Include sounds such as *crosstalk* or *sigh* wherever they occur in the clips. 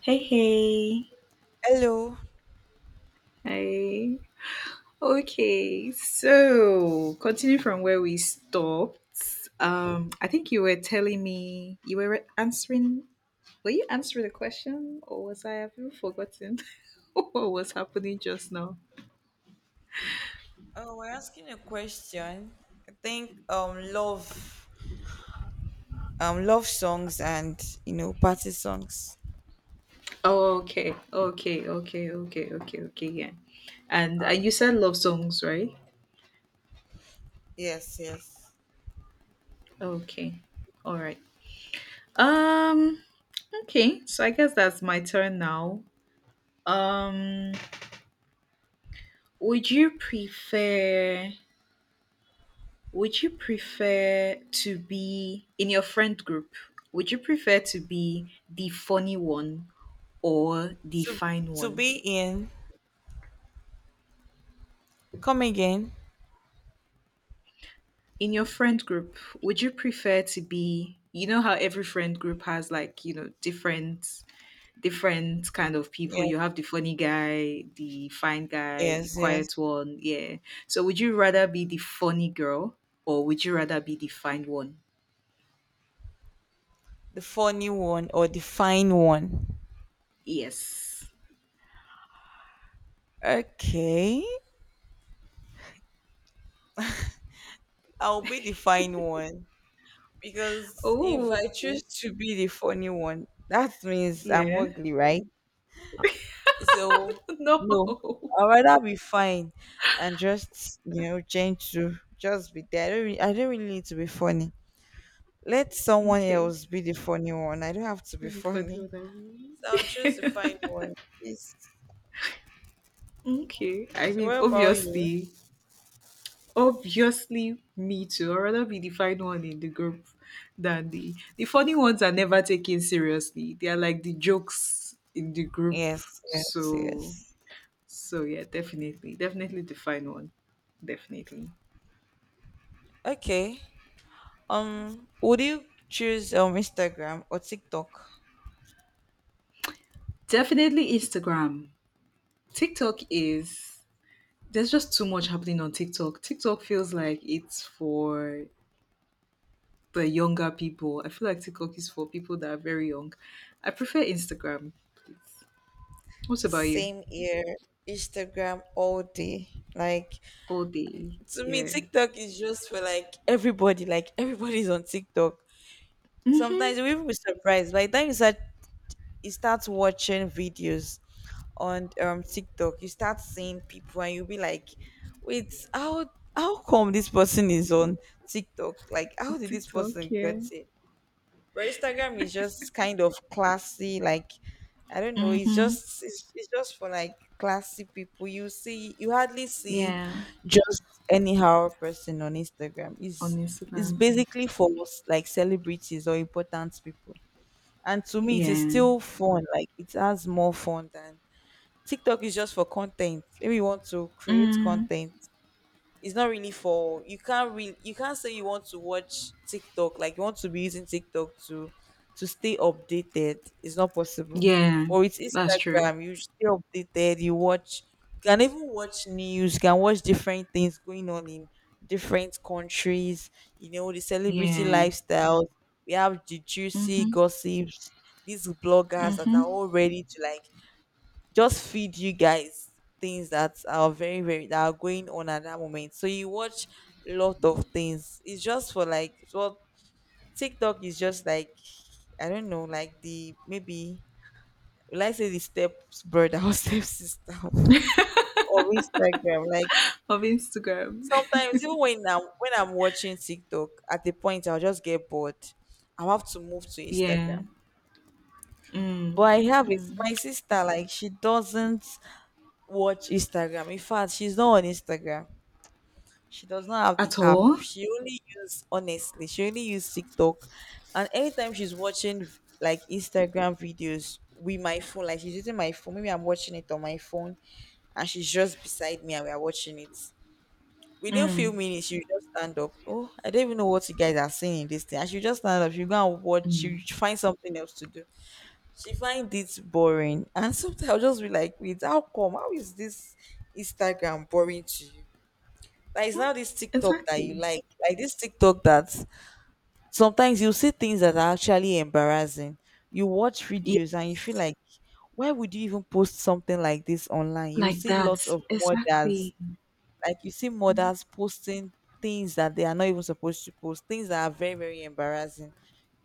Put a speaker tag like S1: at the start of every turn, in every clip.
S1: Hey, hey,
S2: Hello.
S1: hey. Okay, so continue from where we stopped. I think you were telling me you were answering. Were you answering the question, or was I have you forgotten *laughs* what was happening just now?
S2: Oh, we're asking a question. I think love songs and party songs.
S1: Oh, okay. Yeah, and you said love songs, right?
S2: Yes, yes.
S1: Okay, all right. Um, okay. So I guess that's my turn now. Um. Would you prefer would you prefer to be in your friend group? Would you prefer to be the funny one or the
S2: To
S1: fine
S2: to
S1: one?
S2: be in. Come again.
S1: In your friend group, would you prefer to be you know how every friend group has like, you know, different kind of people.
S2: Yes,
S1: You have the funny guy, the fine guy, the
S2: yes, yes.
S1: quiet one, yeah. So would you rather be the funny girl or would you rather be the fine one?
S2: The funny one or the fine one.
S1: Yes.
S2: Okay. I'll be the fine one. Because if
S1: Oh,
S2: I choose to be the funny one, that means I'm
S1: yeah.
S2: ugly, right? So
S1: *laughs* No.
S2: no, I'd rather be fine and just change to just be there. I don't really need to be funny. Let someone
S1: Okay.
S2: else be the funny one. I don't have to be *laughs*
S1: Pretty funny
S2: funny.
S1: what I mean.
S2: So I'll choose the fine
S1: *laughs*
S2: one. Yes.
S1: Okay. I
S2: So
S1: mean,
S2: what about you?
S1: obviously, me too. I'd rather be the fine one in the group than the funny ones are never taken seriously. They are like the jokes in the group.
S2: Yes, yes,
S1: So,
S2: yes.
S1: so yeah, definitely the fine one. Definitely,
S2: Okay. Would you choose Instagram or TikTok?
S1: definitely Instagram. TikTok is there's just too much happening on TikTok. TikTok feels like it's for the younger people. I feel like TikTok is for people that are very young. I prefer Instagram. What about you?
S2: Same here. Instagram all day. Like,
S1: All day.
S2: to me,
S1: Yeah.
S2: TikTok is just for like everybody. Like, everybody's on TikTok.
S1: hmm
S2: Sometimes you even be surprised. By the time you start watching videos on TikTok, you start seeing people, and you'll be like, "Wait, how come this person is on TikTok? Like, how did this
S1: TikTok,
S2: person
S1: yeah.
S2: get it?" But Instagram is just kind of classy, like, I don't know, it's
S1: hmm
S2: just it's, it's just for like classy people. You see you hardly see
S1: Yeah.
S2: just anyhow person on Instagram.
S1: On
S2: It's
S1: Instagram.
S2: basically for like celebrities or important people. And to me it is
S1: Yeah.
S2: still fun. Like, it has more fun than TikTok is just for content. Maybe you want to create
S1: Mm.
S2: content, it's not really for, you can't say you want to watch TikTok, like you want to be using TikTok to stay updated. It's not possible.
S1: Yeah.
S2: Or it's
S1: That's true.
S2: Instagram, you stay updated, you can even watch news, you can watch different things going on in different countries, the celebrity
S1: Yeah.
S2: lifestyles. We have the juicy
S1: Mm-hmm.
S2: gossips, these bloggers that are
S1: Mm-hmm.
S2: all ready to like just feed you guys things that are very very that are going on at that moment, so you watch a lot of things. It's just for, like, well, TikTok is just like, I don't know, like the maybe, will I say the steps brother or *laughs* step sister or Instagram, like
S1: Of Instagram.
S2: sometimes even when I'm watching TikTok at a point I'll just get bored. I'll have to move to
S1: *laughs* Yeah.
S2: Instagram.
S1: Mm.
S2: But I have it, my sister, like she doesn't watch Instagram. In fact, she's not on Instagram. She does not have the
S1: At
S2: app.
S1: all?
S2: She only use, honestly. She only use TikTok, and anytime she's watching like Instagram videos with my phone, like she's using my phone. Maybe I'm watching it on my phone, and she's just beside me, and we are watching it. Within
S1: Mm.
S2: few minutes, she will just stand up. "Oh, I don't even know what you guys are saying in this thing." And she will just stand up. She will go and watch. She
S1: Mm.
S2: will find something else to do. She finds it boring, and sometimes I'll just be like, "Wait, how come? How is this Instagram boring to you?" There is now this TikTok
S1: Exactly.
S2: like this TikTok that sometimes you see things that are actually embarrassing. You watch videos and you feel like, why would you even post something like this online? You
S1: Like
S2: see lots
S1: that,
S2: of mothers,
S1: exactly.
S2: like you see mothers posting things that they are not even supposed to post, things that are very, very embarrassing.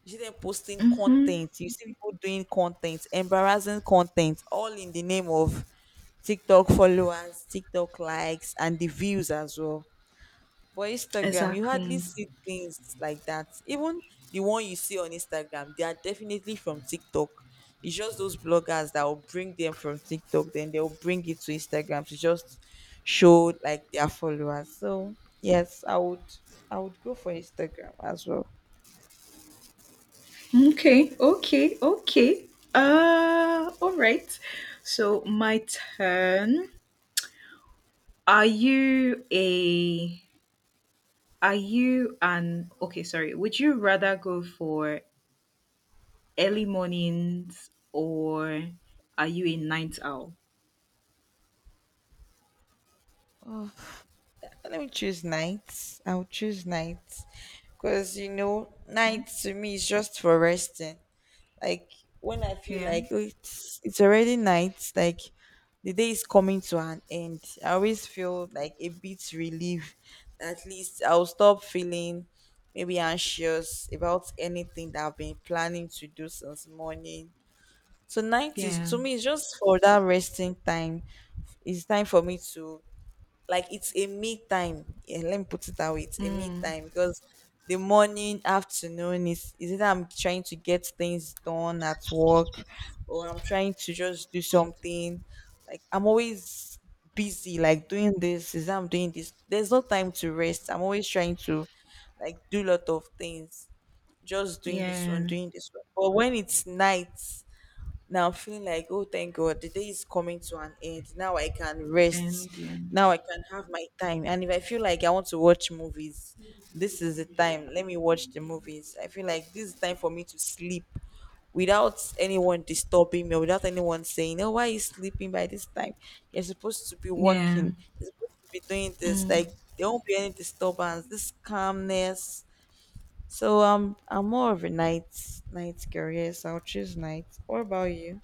S2: You see them posting
S1: Mm-hmm.
S2: content, you see people doing content, embarrassing content, all in the name of TikTok followers, TikTok likes, and the views as well. But Instagram, you hardly
S1: Exactly.
S2: see things like that. Even the one you see on Instagram, they are definitely from TikTok. It's just those bloggers that will bring them from TikTok, then they'll bring it to Instagram to just show like their followers. So yes, I would go for Instagram as well.
S1: Okay, okay, okay, all right. So my turn. are you a are you an okay, sorry, would you rather go for early mornings, or are you a night owl?
S2: Let me choose nights. I would choose nights. Because,
S1: Hmm?
S2: nights to me is just for resting. Like, when I feel
S1: Yeah,
S2: like, "Oh, it's already night, like the day is coming to an end." I always feel like a bit relief, that at least I'll stop feeling maybe anxious about anything that I've been planning to do since morning. So night is,
S1: yeah,
S2: to me, it's just for that resting time. It's time for me to, like, it's a me time. Yeah, let me put it that way. It's a me
S1: mm,
S2: time because the morning, afternoon, is it I'm trying to get things done at work, or I'm trying to just do something. Like, I'm always busy, like doing this, is that I'm doing this. There's no time to rest. I'm always trying to like do a lot of things. Just doing this one,
S1: yeah,
S2: doing this one. But when it's night, now I'm feeling like, oh, thank God, the day is coming to an end. Now I can rest.
S1: and yeah,
S2: Now I can have my time. And if I feel like I want to watch movies, this is the time. Let me watch the movies. I feel like this is time for me to sleep without anyone disturbing me, or without anyone saying, oh, why are you sleeping by this time? You're supposed to be
S1: yeah,
S2: working. You're supposed to be doing this.
S1: mm.
S2: Like, there won't be any disturbance, this calmness. So I'm more of a night girl. Yes, I'll choose night. What about you?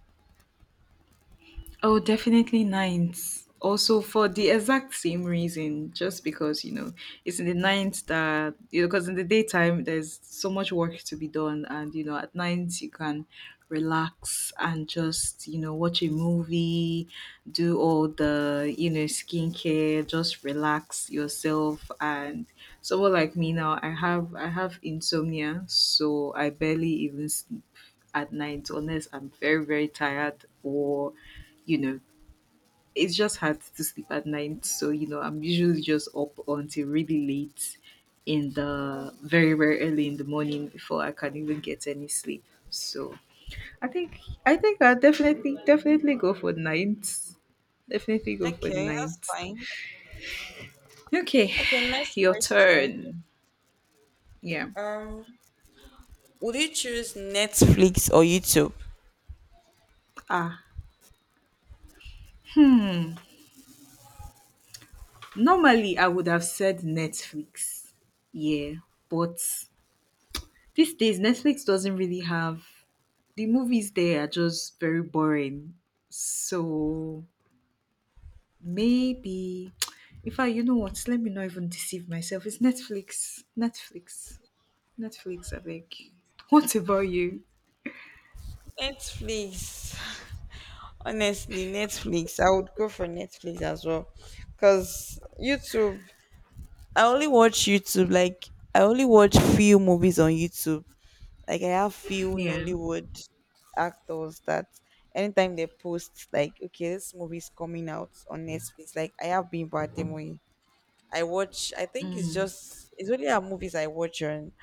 S1: Oh, definitely ninth. Also, for the exact same reason, just because you know it's in the night that you know, because in the daytime there's so much work to be done, and you know at night you can relax and just you know watch a movie, do all the you know skincare, just relax yourself. And someone like me now, I have insomnia, so I barely even sleep at night unless I'm very very tired or you know, it's just hard to sleep at night. So, you know, I'm usually just up until really late in the very, very early in the morning before I can even get any sleep. So I think I think I'll definitely definitely go for nights. Definitely go for
S2: Okay, that's
S1: nights.
S2: fine.
S1: Okay,
S2: Okay, next
S1: your
S2: question.
S1: turn. Yeah.
S2: Um, would you choose Netflix or YouTube?
S1: Ah, normally I would have said Netflix. Yeah, but these days, Netflix doesn't really have the movies there are just very boring. So maybe, if I, you know what, let me not even deceive myself. It's Netflix, Netflix, Netflix. I beg. What about you?
S2: Netflix. *sighs* *laughs* Honestly, Netflix. I would go for Netflix as well. Cause YouTube, I only watch YouTube. Like, I only watch few movies on YouTube. Like, I have few
S1: Yeah.
S2: Nollywood actors that anytime they post, like okay, this movie is coming out on Netflix. Like, I have been Bademoye. I watch. I think
S1: Mm.
S2: it's only our movies I watch on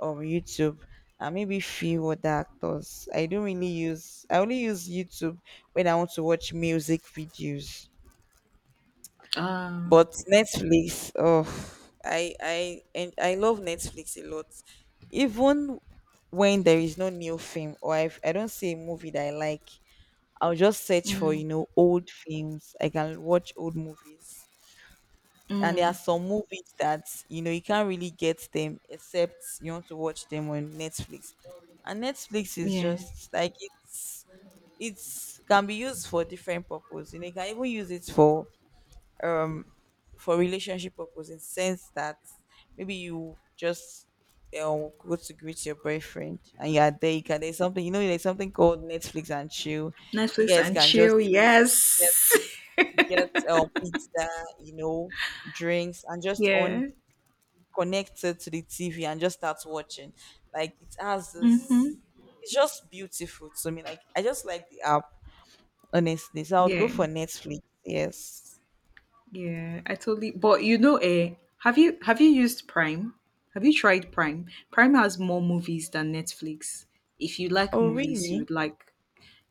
S2: YouTube and maybe few other actors. I don't really use. I only use YouTube when I want to watch music videos.
S1: Uh,
S2: But Netflix, oh, I love Netflix a lot. Even when there is no new film or if I don't see a movie that I like, I'll just search for
S1: mm,
S2: old films. I can watch old movies. And there are
S1: mm,
S2: some movies that you can't really get them except you want to watch them on Netflix. And Netflix is
S1: yeah.
S2: just like, it's can be used for different purpose. You know, you can even use it for um relationship purpose, in sense that maybe you just, go to greet your boyfriend and you are there. You can there's something you know there's something called Netflix and chill. You
S1: Netflix
S2: guys
S1: and
S2: can just
S1: chill.
S2: get
S1: Yes.
S2: get pizza, you know, drinks and
S1: *laughs*
S2: just on
S1: yeah.
S2: connected to the TV and just start watching. Like, it has
S1: Mm-hmm.
S2: this, it's just beautiful to me. Like, I just like the app, honestly. So I would go
S1: Yeah.
S2: for Netflix, yes.
S1: Yeah, I totally. But you know, eh, have you used Prime? Have you tried Prime? Prime has more movies than Netflix. If you like
S2: Oh
S1: movies, you
S2: really?
S1: would like.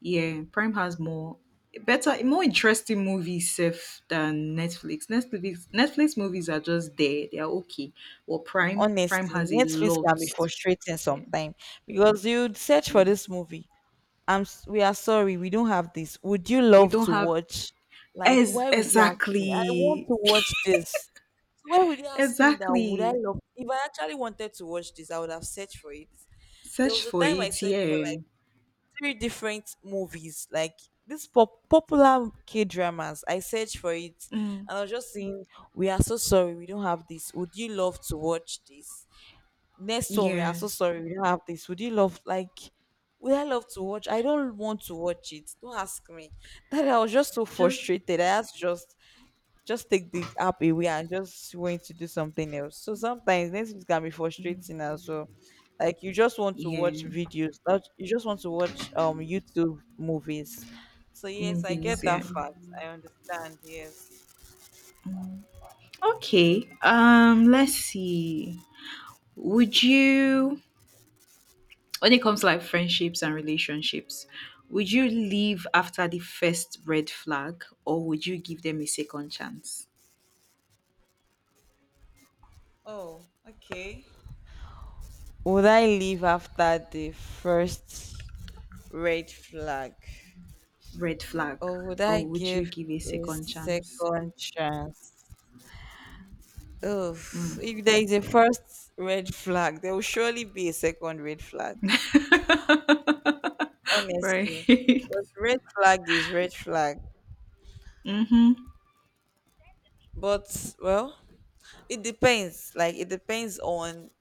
S1: Yeah, Prime has more better, more interesting movies safe than Netflix. Netflix movies are just there; they are okay. Well, Prime
S2: Honestly,
S1: has a
S2: Netflix
S1: lot.
S2: can be frustrating
S1: Yeah,
S2: sometimes because you'd search
S1: yeah.
S2: for this movie. We are sorry, we don't have this. Would you
S1: We
S2: love
S1: don't
S2: to
S1: have.
S2: watch? Like,
S1: As
S2: why would you ask me? I want
S1: exactly.
S2: to watch this. So why would you ask me that? Would I
S1: Exactly.
S2: love? If I actually wanted to watch this, I would have searched for it. There
S1: Search
S2: was a
S1: for
S2: time I
S1: it.
S2: searched for
S1: Yeah.
S2: like three different movies, like these popular K-dramas. I searched for it,
S1: Mm.
S2: and I was just saying, "We are so sorry, we don't have this. Would you love to watch this?" Next one, we are
S1: Yeah.
S2: so sorry, we don't have this. Would you love, like? Would I love to watch? I don't want to watch it. Don't ask me. That I was just so
S1: Just
S2: frustrated. I asked, just take the app away and just want to do something else. So sometimes Netflix can be frustrating as well. Like, you just want to watch
S1: yeah,
S2: videos, not you just want to watch YouTube movies. So yes, I
S1: movies.
S2: get
S1: Yeah.
S2: that fact. I understand. Yes.
S1: Okay. Let's see. Would you, when it comes to like friendships and relationships, would you leave after the first red flag, or would you give them a second chance?
S2: Oh, okay. Would I leave after the first red flag,
S1: Red flag,
S2: or would
S1: or
S2: I
S1: would you
S2: give
S1: give a
S2: a
S1: second chance?
S2: second chance? Oh, if there is a first red flag, there will surely be a second red flag.
S1: Right.
S2: Honestly,
S1: *laughs*
S2: but red flag is red flag.
S1: mm-hmm.
S2: But well, it depends. Like, it depends on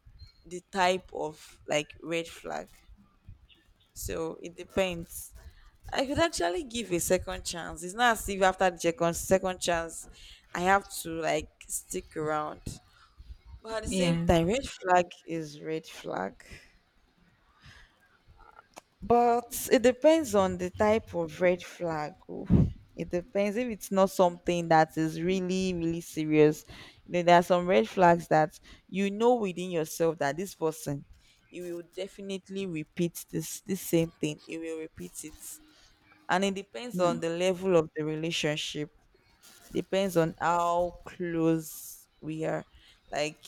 S2: the type of like red flag. So it depends. I could actually give a second chance. It's not as if after the second chance, I have to like stick around. But at the same
S1: Yeah.
S2: time, red flag is red flag. But it depends on the type of red flag. Oh. It depends if it's not something that is really, really serious. You know, there are some red flags that you know within yourself that this person, he will definitely repeat this same thing. He will repeat it, and it depends on
S1: Mm.
S2: the level of the relationship. Depends on how close we are. Like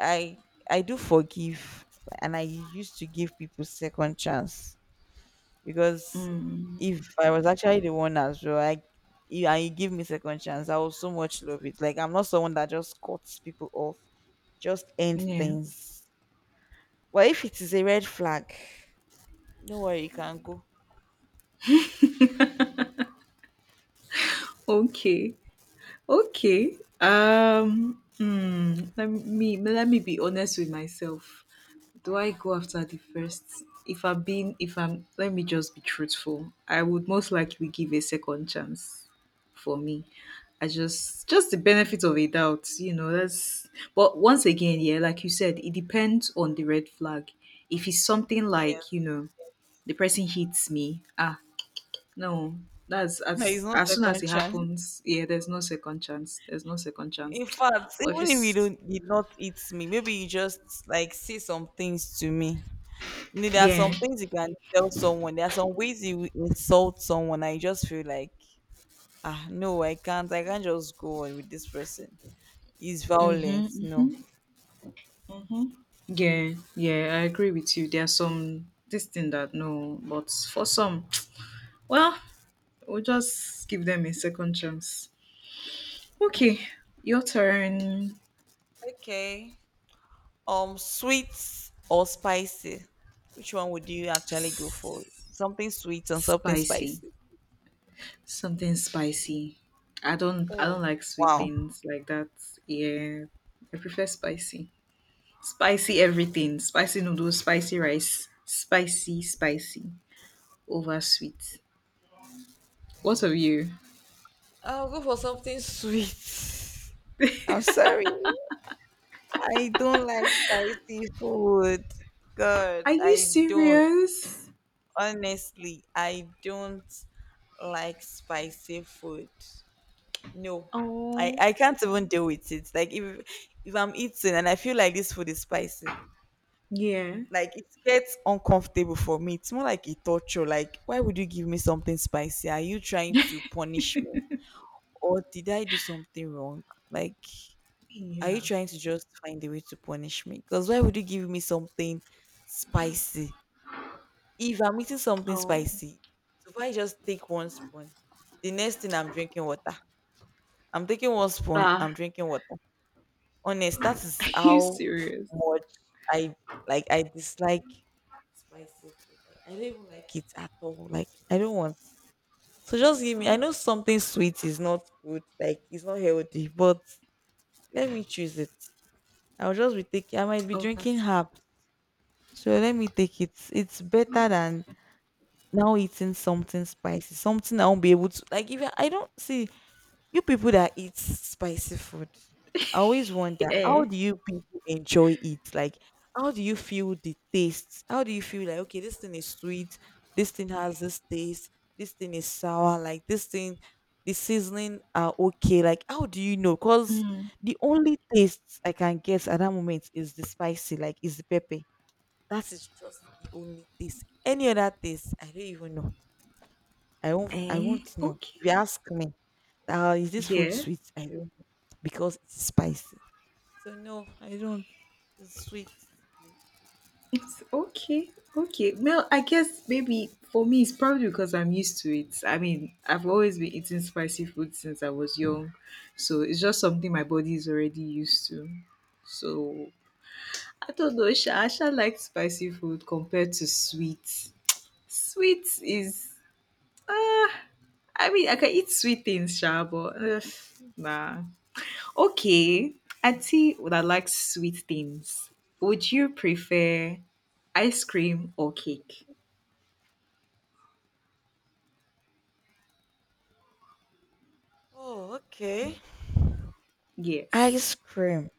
S2: I, I do forgive, and I used to give people second chance because if I was actually the one as well, and you give me second chance, I will so much love it. Like I'm not someone that just cuts people off, just end
S1: Yeah.
S2: things. But if it is a red flag, don't worry, you can go.
S1: Okay. Okay. Hmm, let me be honest with myself. Do I go after the first? If I'm being, if I'm, let me just be truthful. I would most likely give a second chance for me. Just the benefit of a doubt, you know. That's, but once again, yeah, like you said, it depends on the red flag. If it's something
S2: Yeah,
S1: like, you know, the person hits me, ah, no,
S2: *laughs*
S1: that's
S2: there is no
S1: as soon as
S2: second
S1: it
S2: chance.
S1: happens, yeah, there's no second chance. There's no second chance.
S2: In fact,
S1: But if
S2: even if you
S1: it's
S2: don't did not eat me, maybe you just like say some things to me. You know, there are
S1: yeah,
S2: some things you can tell someone. There are some ways you will insult someone. I just feel like. No, I can't. I can't just go on with this person. He's violent.
S1: mm-hmm,
S2: No.
S1: mm-hmm. Yeah, yeah, I agree with you. There are some this thing that no, but for some, *tsk* well, we'll just give them a second chance. Okay, your turn.
S2: Okay. Sweet or spicy? Which one would you actually go for? Something sweet and something
S1: Spicy,
S2: spicy.
S1: something spicy. I don't
S2: Oh,
S1: like sweet
S2: wow.
S1: things like that. Yeah, I prefer spicy. Spicy everything, spicy noodles, spicy rice, spicy, spicy, over sweet. What of you?
S2: I'll go for something sweet. *laughs* I'm sorry. I don't like spicy food. God,
S1: Are you
S2: I don't.
S1: serious?
S2: Honestly, I don't like spicy food. No, I
S1: Oh,
S2: I can't even deal with it. Like if I'm eating and I feel like this food is spicy,
S1: yeah.
S2: like it gets uncomfortable for me. It's more like a torture. Like why would you give me something spicy? Are you trying to punish me, or did I do something wrong? Like are you
S1: Yeah.
S2: trying to just find a way to punish me? Because why would you give me something spicy? If I'm eating something
S1: Oh.
S2: spicy, so if I just take one spoon, the next thing I'm drinking water. I'm taking one spoon.
S1: Ah,
S2: I'm drinking water. Honest, that
S1: *laughs* are
S2: is
S1: you
S2: how
S1: serious?
S2: much I I dislike spicy food. Like I don't even like it at all. Like I don't want. So just give me. I know something sweet is not good, like it's not healthy, but let me choose it. I'll just be taking. I might be
S1: Over
S2: drinking
S1: sweet.
S2: herbs. So let me take it. It's better than now eating something spicy, something I won't be able to like if I don't see. You people that eat spicy food, I always wonder how
S1: Eh.
S2: do you people enjoy it? Like, how do you feel the taste? How do you feel like, okay, this thing is sweet, this thing has this taste, this thing is sour, like this thing, the seasoning are okay. Like, how do you know? Because
S1: Mm.
S2: the only taste I can guess at that moment is the spicy, like is the pepper. That is just the only taste. Any other taste, I don't even know. I won't I
S1: Eh.
S2: won't know.
S1: Okay.
S2: If you ask me, is this food
S1: Yeah.
S2: sweet?" I don't know because it's spicy. So no, I don't. It's sweet. Please.
S1: It's okay. Okay. Well, I guess maybe for me, it's probably because I'm used to it. I mean, I've always been eating spicy food since I was young. So it's just something my body is already used to. So I don't know. Sha, I sha like spicy food compared to sweet. Sweet is, I mean, I can eat sweet things, Sha, but ugh, nah. Okay. Auntie would I like sweet things. Would you prefer ice cream or cake?
S2: Oh, okay. Ice
S1: Yes.
S2: cream,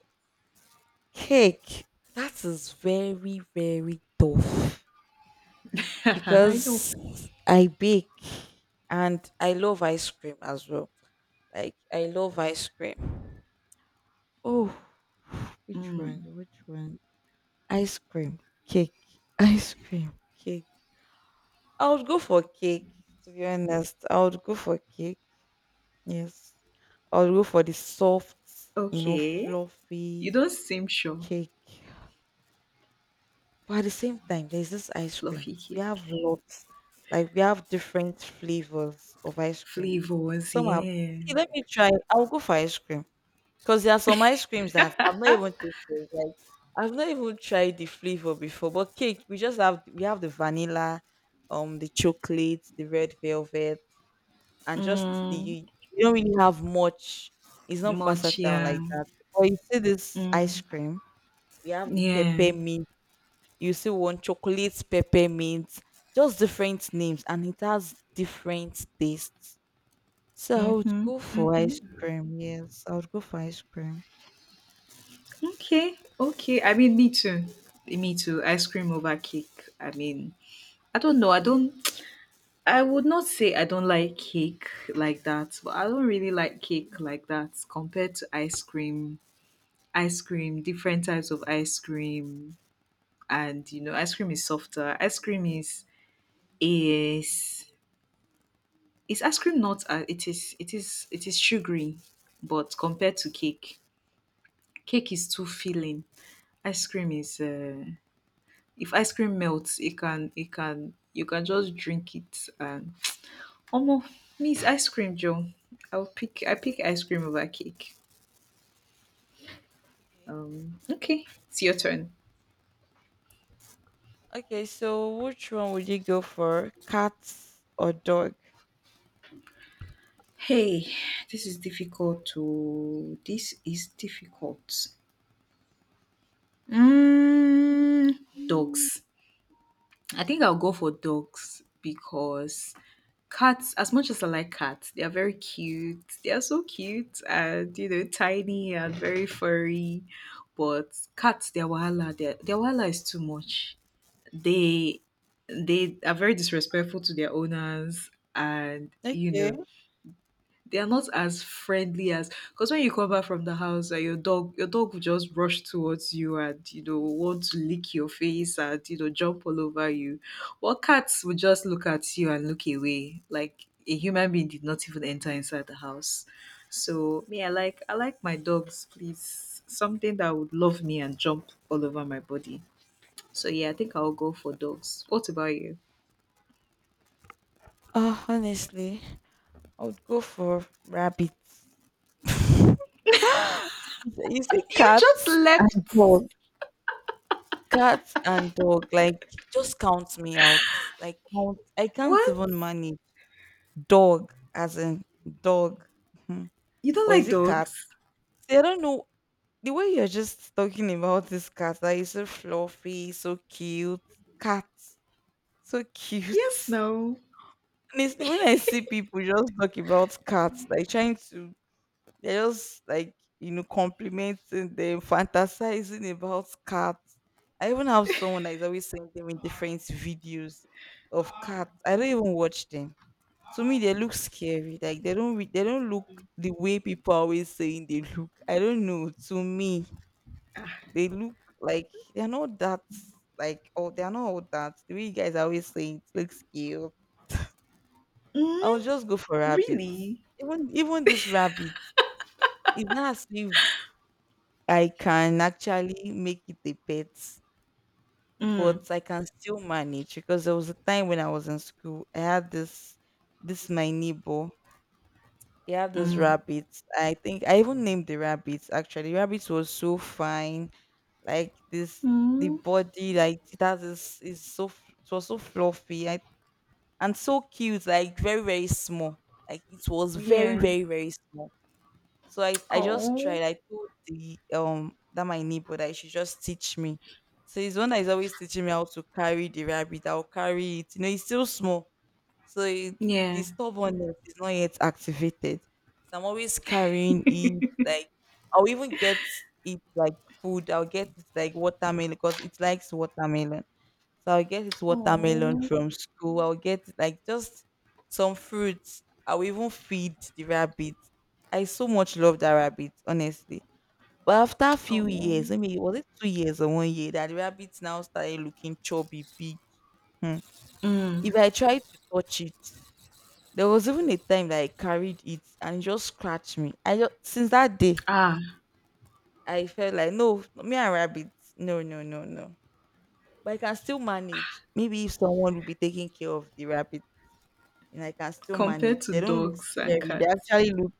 S2: cake. That is very very tough
S1: *laughs* I know.
S2: because I bake and I love ice cream as well. Like I love ice cream. Oh, which one?
S1: Mm.
S2: Which one? Ice cream, cake, ice cream, cake. I would go for cake, to be honest. I would go for cake. Yes. I would go for the soft,
S1: Okay. You
S2: fluffy
S1: don't seem sure.
S2: cake. But at the same time, there's this ice cream.
S1: Fluffy
S2: We
S1: cake.
S2: have lots. Like we have different flavors of ice cream.
S1: Flavors,
S2: Some are
S1: yeah.
S2: See, let me try. I'll go for ice cream. Because there are some ice creams that I've not even tasted. Like I've not even tried the flavor before. But cake, we have the vanilla, the chocolate, the red velvet, and just the
S1: Mm.
S2: you don't really have much. It's not
S1: Much,
S2: versatile
S1: yeah.
S2: like that. But you see this ice
S1: Mm.
S2: cream, we have the
S1: Yeah.
S2: peppermint. You see one chocolate peppermint, just different names, and it has different tastes. So I would
S1: Mm-hmm.
S2: go for ice
S1: Mm-hmm.
S2: cream. Yes, I would go for ice cream.
S1: Okay. Okay. I mean, me too. Me too. Ice cream over cake. I mean, I don't know. I don't. I would not say I don't like cake like that, but I don't really like cake like that compared to ice cream. Ice cream, different types of ice cream, and you know ice cream is is is ice cream not it is sugary but compared to cake cake is too filling ice cream is if ice cream melts it can you can just drink it and almost means ice cream joe. I pick ice cream over cake.
S2: Okay.
S1: Um okay, it's your turn.
S2: Okay. So which one would you go for, cats or dog?
S1: Hey, this is difficult. Mm, dogs. I think I'll go for dogs because cats, as much as I like cats, they are very cute. They are so cute and, you know, tiny and very furry. But cats, their wahala, their wahala is too much. They they are very disrespectful to their owners and, you know,
S2: Okay.
S1: they are not as friendly as because when you come back from the house your dog will just rush towards you and you know want to lick your face and you know jump all over you. Well, cats will just look at you and look away like a human being did not even enter inside the house. So me, I like my dogs please, something that would love me and jump all over my body. So yeah, I'll go for dogs. What about you?
S2: Oh, honestly, I would go for rabbit. It's a
S1: You
S2: cat
S1: just
S2: and
S1: left.
S2: dog. Cat and dog, like, just count me out. Like, count I can't
S1: What,
S2: even manage. Dog, as in dog. Mhm.
S1: you don't
S2: Or is
S1: like
S2: it cat?
S1: dogs?
S2: See, I don't know. The way you're just talking about this cat, that is so fluffy, so cute. Cat, so
S1: Yes,
S2: cute. *laughs*
S1: no.
S2: Honestly, when I see people just talk about cats, like trying to. They're just like, complimenting them, fantasizing about cats. I even have someone that is always sending them in different videos of cats. I don't even watch them. To me, they look scary. Like they don't look the way people are always saying they look. I don't know. To me, they look like they're not that, like, oh, they're not all that. The way you guys are always saying it looks cute. I'll
S1: Mm,
S2: just go for rabbits.
S1: really?
S2: Even this rabbit, it's not as if I can actually make it a pet,
S1: Mm,
S2: but I can still manage because there was a time when I was in school. I had this my neighbor. He had this
S1: mm,
S2: rabbit. I think I even named the rabbit actually. The rabbit was so fine. Like this, the
S1: mm.
S2: body, like it has this is so it was so fluffy, I, and so cute, like very, very small. Like it was very,
S1: Yeah.
S2: very, very small so I just
S1: Oh,
S2: tried. I told the that my neighbor that she just teach me. So he's the one that is always teaching me how to carry the rabbit. I'll carry it. You know, it's still small. So it, the
S1: yeah.
S2: stubbornness is not yet activated. So I'm always carrying it. Like I'll even get it like food. I'll get it like watermelon because it likes watermelon. So I'll get it watermelon
S1: Oh,
S2: from school. I'll get it, like just some fruits. I'll even feed the rabbit. I so much love that rabbit, honestly. But after a few
S1: oh.
S2: years, I mean, was it 2 years or one year that the rabbit now started looking chubby, big. Hmm.
S1: Mm.
S2: If I tried to touch it, there was even a time that I carried it and it just scratched me. I just, since that day,
S1: Ah,
S2: I felt like no, me and rabbits, no, no, no, no. But I can still manage. Maybe if someone will be taking care of the rabbit and I can still manage.
S1: compared to
S2: They don't look
S1: dogs and
S2: scary. They
S1: cats.
S2: actually look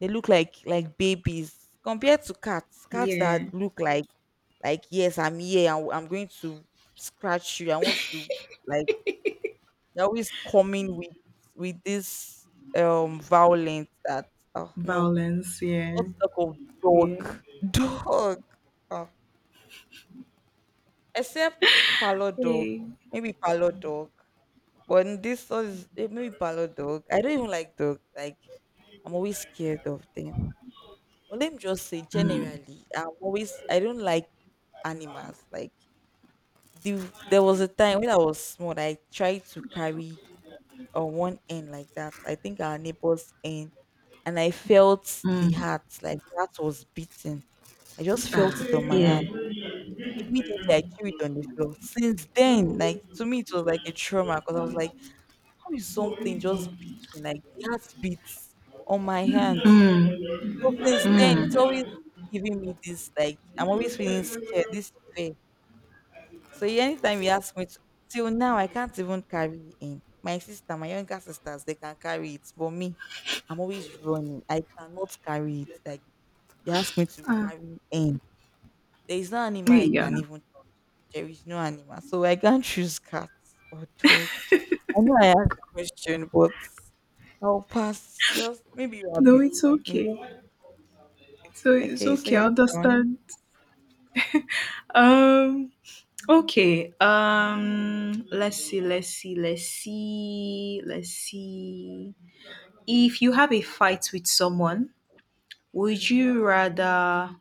S2: they look like babies compared to cats. Cats
S1: Yeah.
S2: that look like yes, I'm here. I'm going to scratch you. I want to, like, they're always coming with this violence that oh no,
S1: Violence.
S2: not
S1: Yeah.
S2: talk of
S1: Yeah.
S2: dog. *laughs* Dog. Oh. Except parlor dog,
S1: Hey.
S2: maybe parlor dog. But in this one is maybe parlor dog. I don't even like dog. Like I'm always scared of them. Well, let me just say
S1: Mm,
S2: generally, I don't like animals. Like there was a time when I was small, I tried to carry on one end like that. I think our neighbor's end, and I felt the
S1: mm.
S2: heart, like the heart was beating. I just
S1: Ah,
S2: felt it on my
S1: yeah.
S2: hand. Immediately, I threw it on the floor. Since then,
S1: Mm,
S2: like to me, it was like a trauma because I was like, how is something just beating? Like the heart beats on my hand. So since then, it's
S1: mm.
S2: always giving me this, like, I'm always feeling scared, this fear. So yeah, anytime he asks me to, till now, I can't even carry him. My sister, my younger sisters, they can carry it, but me, I'm always running. I cannot carry it. Like you ask me to
S1: Ah,
S2: carry him, there is no animal I can
S1: yeah.
S2: even touch. There is no animal, so I can't choose cats or dog. I know I asked the question, but I'll pass. Just maybe
S1: No,
S2: rabbit.
S1: it's
S2: Maybe
S1: okay. So it's
S2: okay. So
S1: okay, I
S2: your turn.
S1: understand. Um okay. Let's see, let's see, let's see, let's see. If you have a fight with someone, would you rather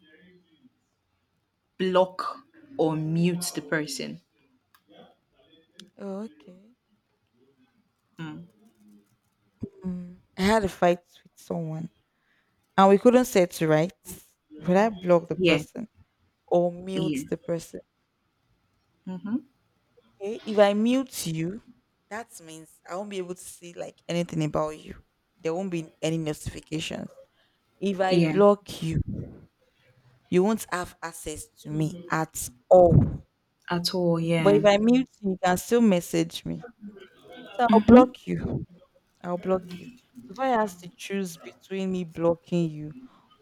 S1: block or mute the person?
S2: Oh, okay.
S1: Mm.
S2: I had a fight with someone and we couldn't settle right. Would I block the
S1: Yeah.
S2: person or mute
S1: Yeah.
S2: the person?
S1: Mm-hmm.
S2: Okay. If I mute you, that means I won't be able to see like anything about you. There won't be any notifications. If I
S1: Yeah.
S2: block you, you won't have access to me at all.
S1: At all,
S2: But
S1: yeah.
S2: if I mute you, you can still message me. So I'll
S1: Mm-hmm.
S2: block you. I'll block you. So if I has to choose between me blocking you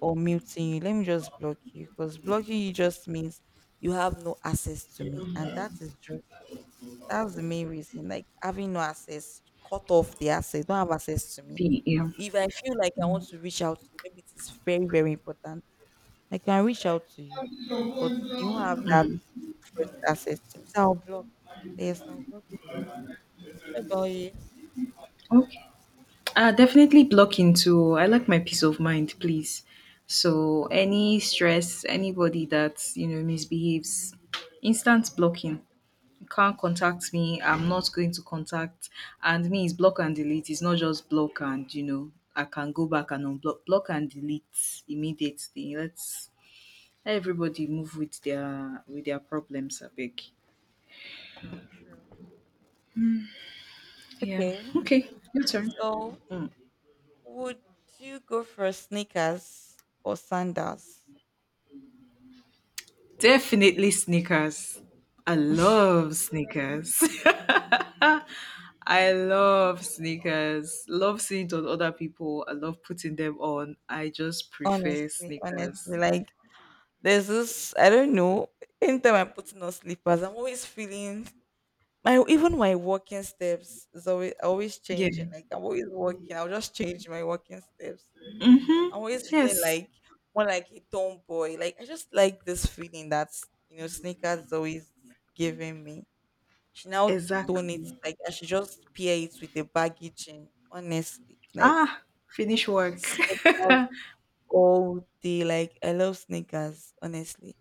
S2: or muting you, let me just block you because blocking you just means you have no access to me, and that is just that's the main reason. Like having no access, cut off the access, don't have access to me.
S1: Yeah.
S2: If I feel like I want to reach out to you, maybe it is very very important. I can reach out to you, but you won't have that
S1: Mm.
S2: first access to me. So I'll block. Yes, I'll block you. What about you?
S1: Okay. Definitely blocking too. I like my peace of mind, please. So any stress, anybody that you know misbehaves, instant blocking. You can't contact me. I'm not going to contact. And me is block and delete. It's not just block and you know I can go back and unblock. Block and delete immediately. Let everybody move with their problems. I beg. Yeah.
S2: Okay.
S1: Okay. Your turn.
S2: So
S1: Mm.
S2: would you go for sneakers or sandals?
S1: Definitely sneakers. I love sneakers. *laughs* I love sneakers. Love seeing it on other people. I love putting them on. I just prefer
S2: Honestly,
S1: sneakers.
S2: honestly, like there's this I don't know. Anytime I'm putting on slippers, I'm always feeling my even my walking steps is always
S1: Yeah.
S2: changing. Like I'm always walking, I'll just change my walking steps.
S1: Mm-hmm.
S2: I'm always feeling
S1: Yes.
S2: like more like a tomboy. Like I just like this feeling that you know sneakers is always giving me. She now tone it
S1: Exactly.
S2: like I should just pair it with a baggy jean. Honestly, like
S1: Ah, finish work.
S2: Snickers
S1: *laughs*
S2: all day. Like I love sneakers. Honestly.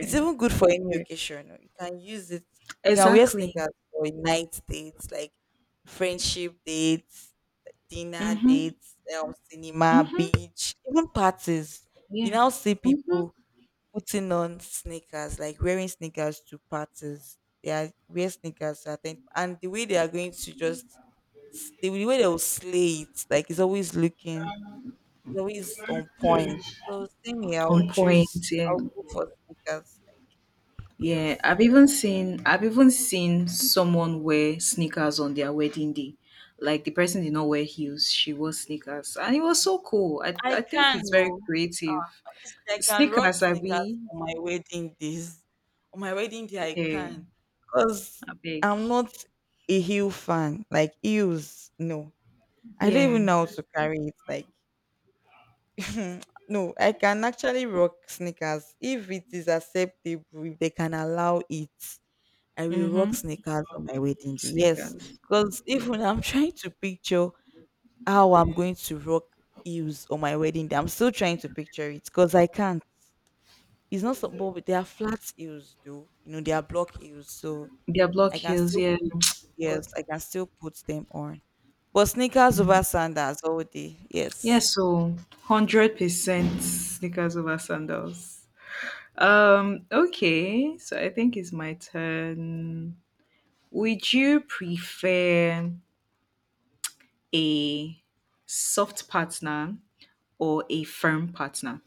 S2: It's even good for any
S1: Yeah.
S2: occasion. You can use it. You can wear
S1: Exactly.
S2: sneakers for night dates, like friendship dates, dinner
S1: Mm-hmm.
S2: dates, cinema,
S1: Mm-hmm.
S2: beach, even parties. You
S1: Yeah.
S2: now see
S1: Mm-hmm.
S2: people putting on sneakers, like wearing sneakers to parties. They are wear sneakers to attend, and the way they are going to just the way they will slay it, like it's always on point. So same here,
S1: On point. Yeah.
S2: I'll go for sneakers.
S1: Yeah,
S2: Yes.
S1: I've even seen someone wear sneakers on their wedding day. Like the person did not wear heels, she wore sneakers. And it was so cool.
S2: I
S1: I think
S2: can
S1: it's very
S2: no.
S1: creative.
S2: Honestly, I can rock
S1: Sneakers, I
S2: sneakers
S1: be
S2: on my wedding days. On my wedding day I
S1: yeah,
S2: can. Because
S1: I beg.
S2: I'm not a heel fan. Like heels, no. I don't even
S1: Yeah.
S2: know how to carry it. Like *laughs* no, I can actually rock sneakers if it is acceptable, if they can allow it. I will rock
S1: Mm-hmm.
S2: sneakers on my wedding day. Yes,
S1: Sneakers.
S2: because
S1: Yeah.
S2: even I'm *laughs* trying to picture how I'm going to rock heels on my wedding day. I'm still trying to picture it because I can't. It's not so, but they are flat heels, though. You know, they are block heels, so
S1: Their block
S2: I can
S1: heels,
S2: still
S1: yeah.
S2: put.
S1: But
S2: Yes, I can still put them on. But sneakers over sandals all day.
S1: yeah,
S2: Yes.
S1: so 100% sneakers over sandals. Okay, so I think it's my turn. Would you prefer a soft partner or a firm partner?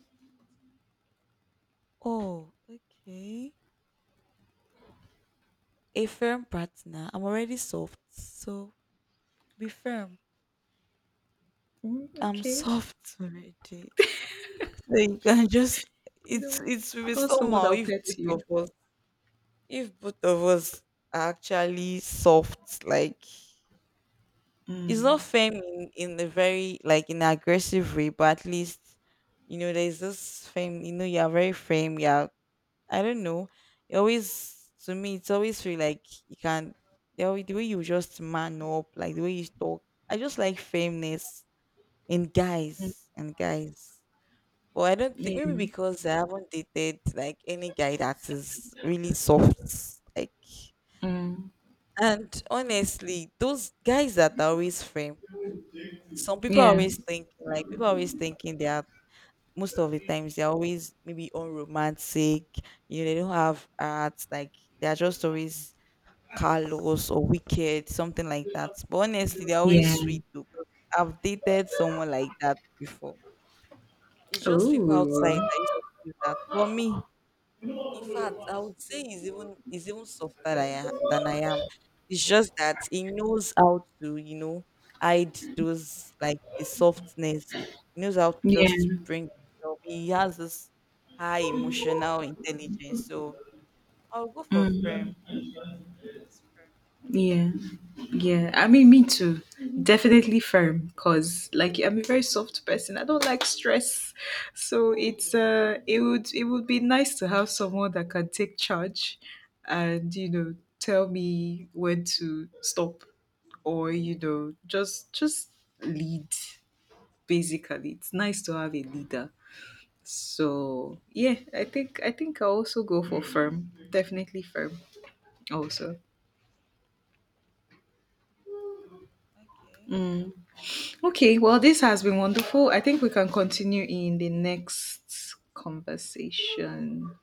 S2: Oh, okay. A firm partner. I'm already soft, so be firm.
S1: Mm,
S2: I'm *laughs*
S1: okay,
S2: soft already. So you can *laughs* just
S1: you
S2: it's
S1: know,
S2: it's will be
S1: or someone
S2: somehow
S1: that'll
S2: if
S1: pet
S2: both of
S1: you.
S2: us if both of us are actually soft, like it's not fame in a very like in an aggressive way, but at least you know there's this fame, you know, you're very fame, yeah. I don't know. It always to me it's always feel like you can the way, you just man up, like the way you talk. I just like fameness in guys and guys. But I don't think maybe
S1: Yeah.
S2: because I haven't dated like any guy that is really soft. Like
S1: Mm.
S2: and honestly, those guys that are always frame, some people are
S1: Yeah.
S2: always thinking like people are always thinking they are most of the times they're always maybe unromantic, you know, they don't have heart, like they're just always callous or wicked, something like that. But honestly, they're always
S1: Yeah.
S2: sweet too. 'Cause I've dated someone like that before. It's just people outside that
S1: Oh.
S2: used to do that. For me, in fact, I would say he's even softer than I am. It's just that he knows how to, hide those like the softness. He knows how to
S1: Yeah.
S2: just bring himself. He has this high emotional intelligence. So I'll go for
S1: Mm.
S2: firm. Yes, yes, firm.
S1: Yeah. Yeah. I mean, me too. Definitely firm because like I'm a very soft person. I don't like stress. So it's it would be nice to have someone that can take charge and you know tell me when to stop or you know just lead basically. It's nice to have a leader. So yeah, I think I'll also go for firm. Definitely firm also.
S2: Okay.
S1: Mm. Okay, well, this has been wonderful. I think we can continue in the next conversation.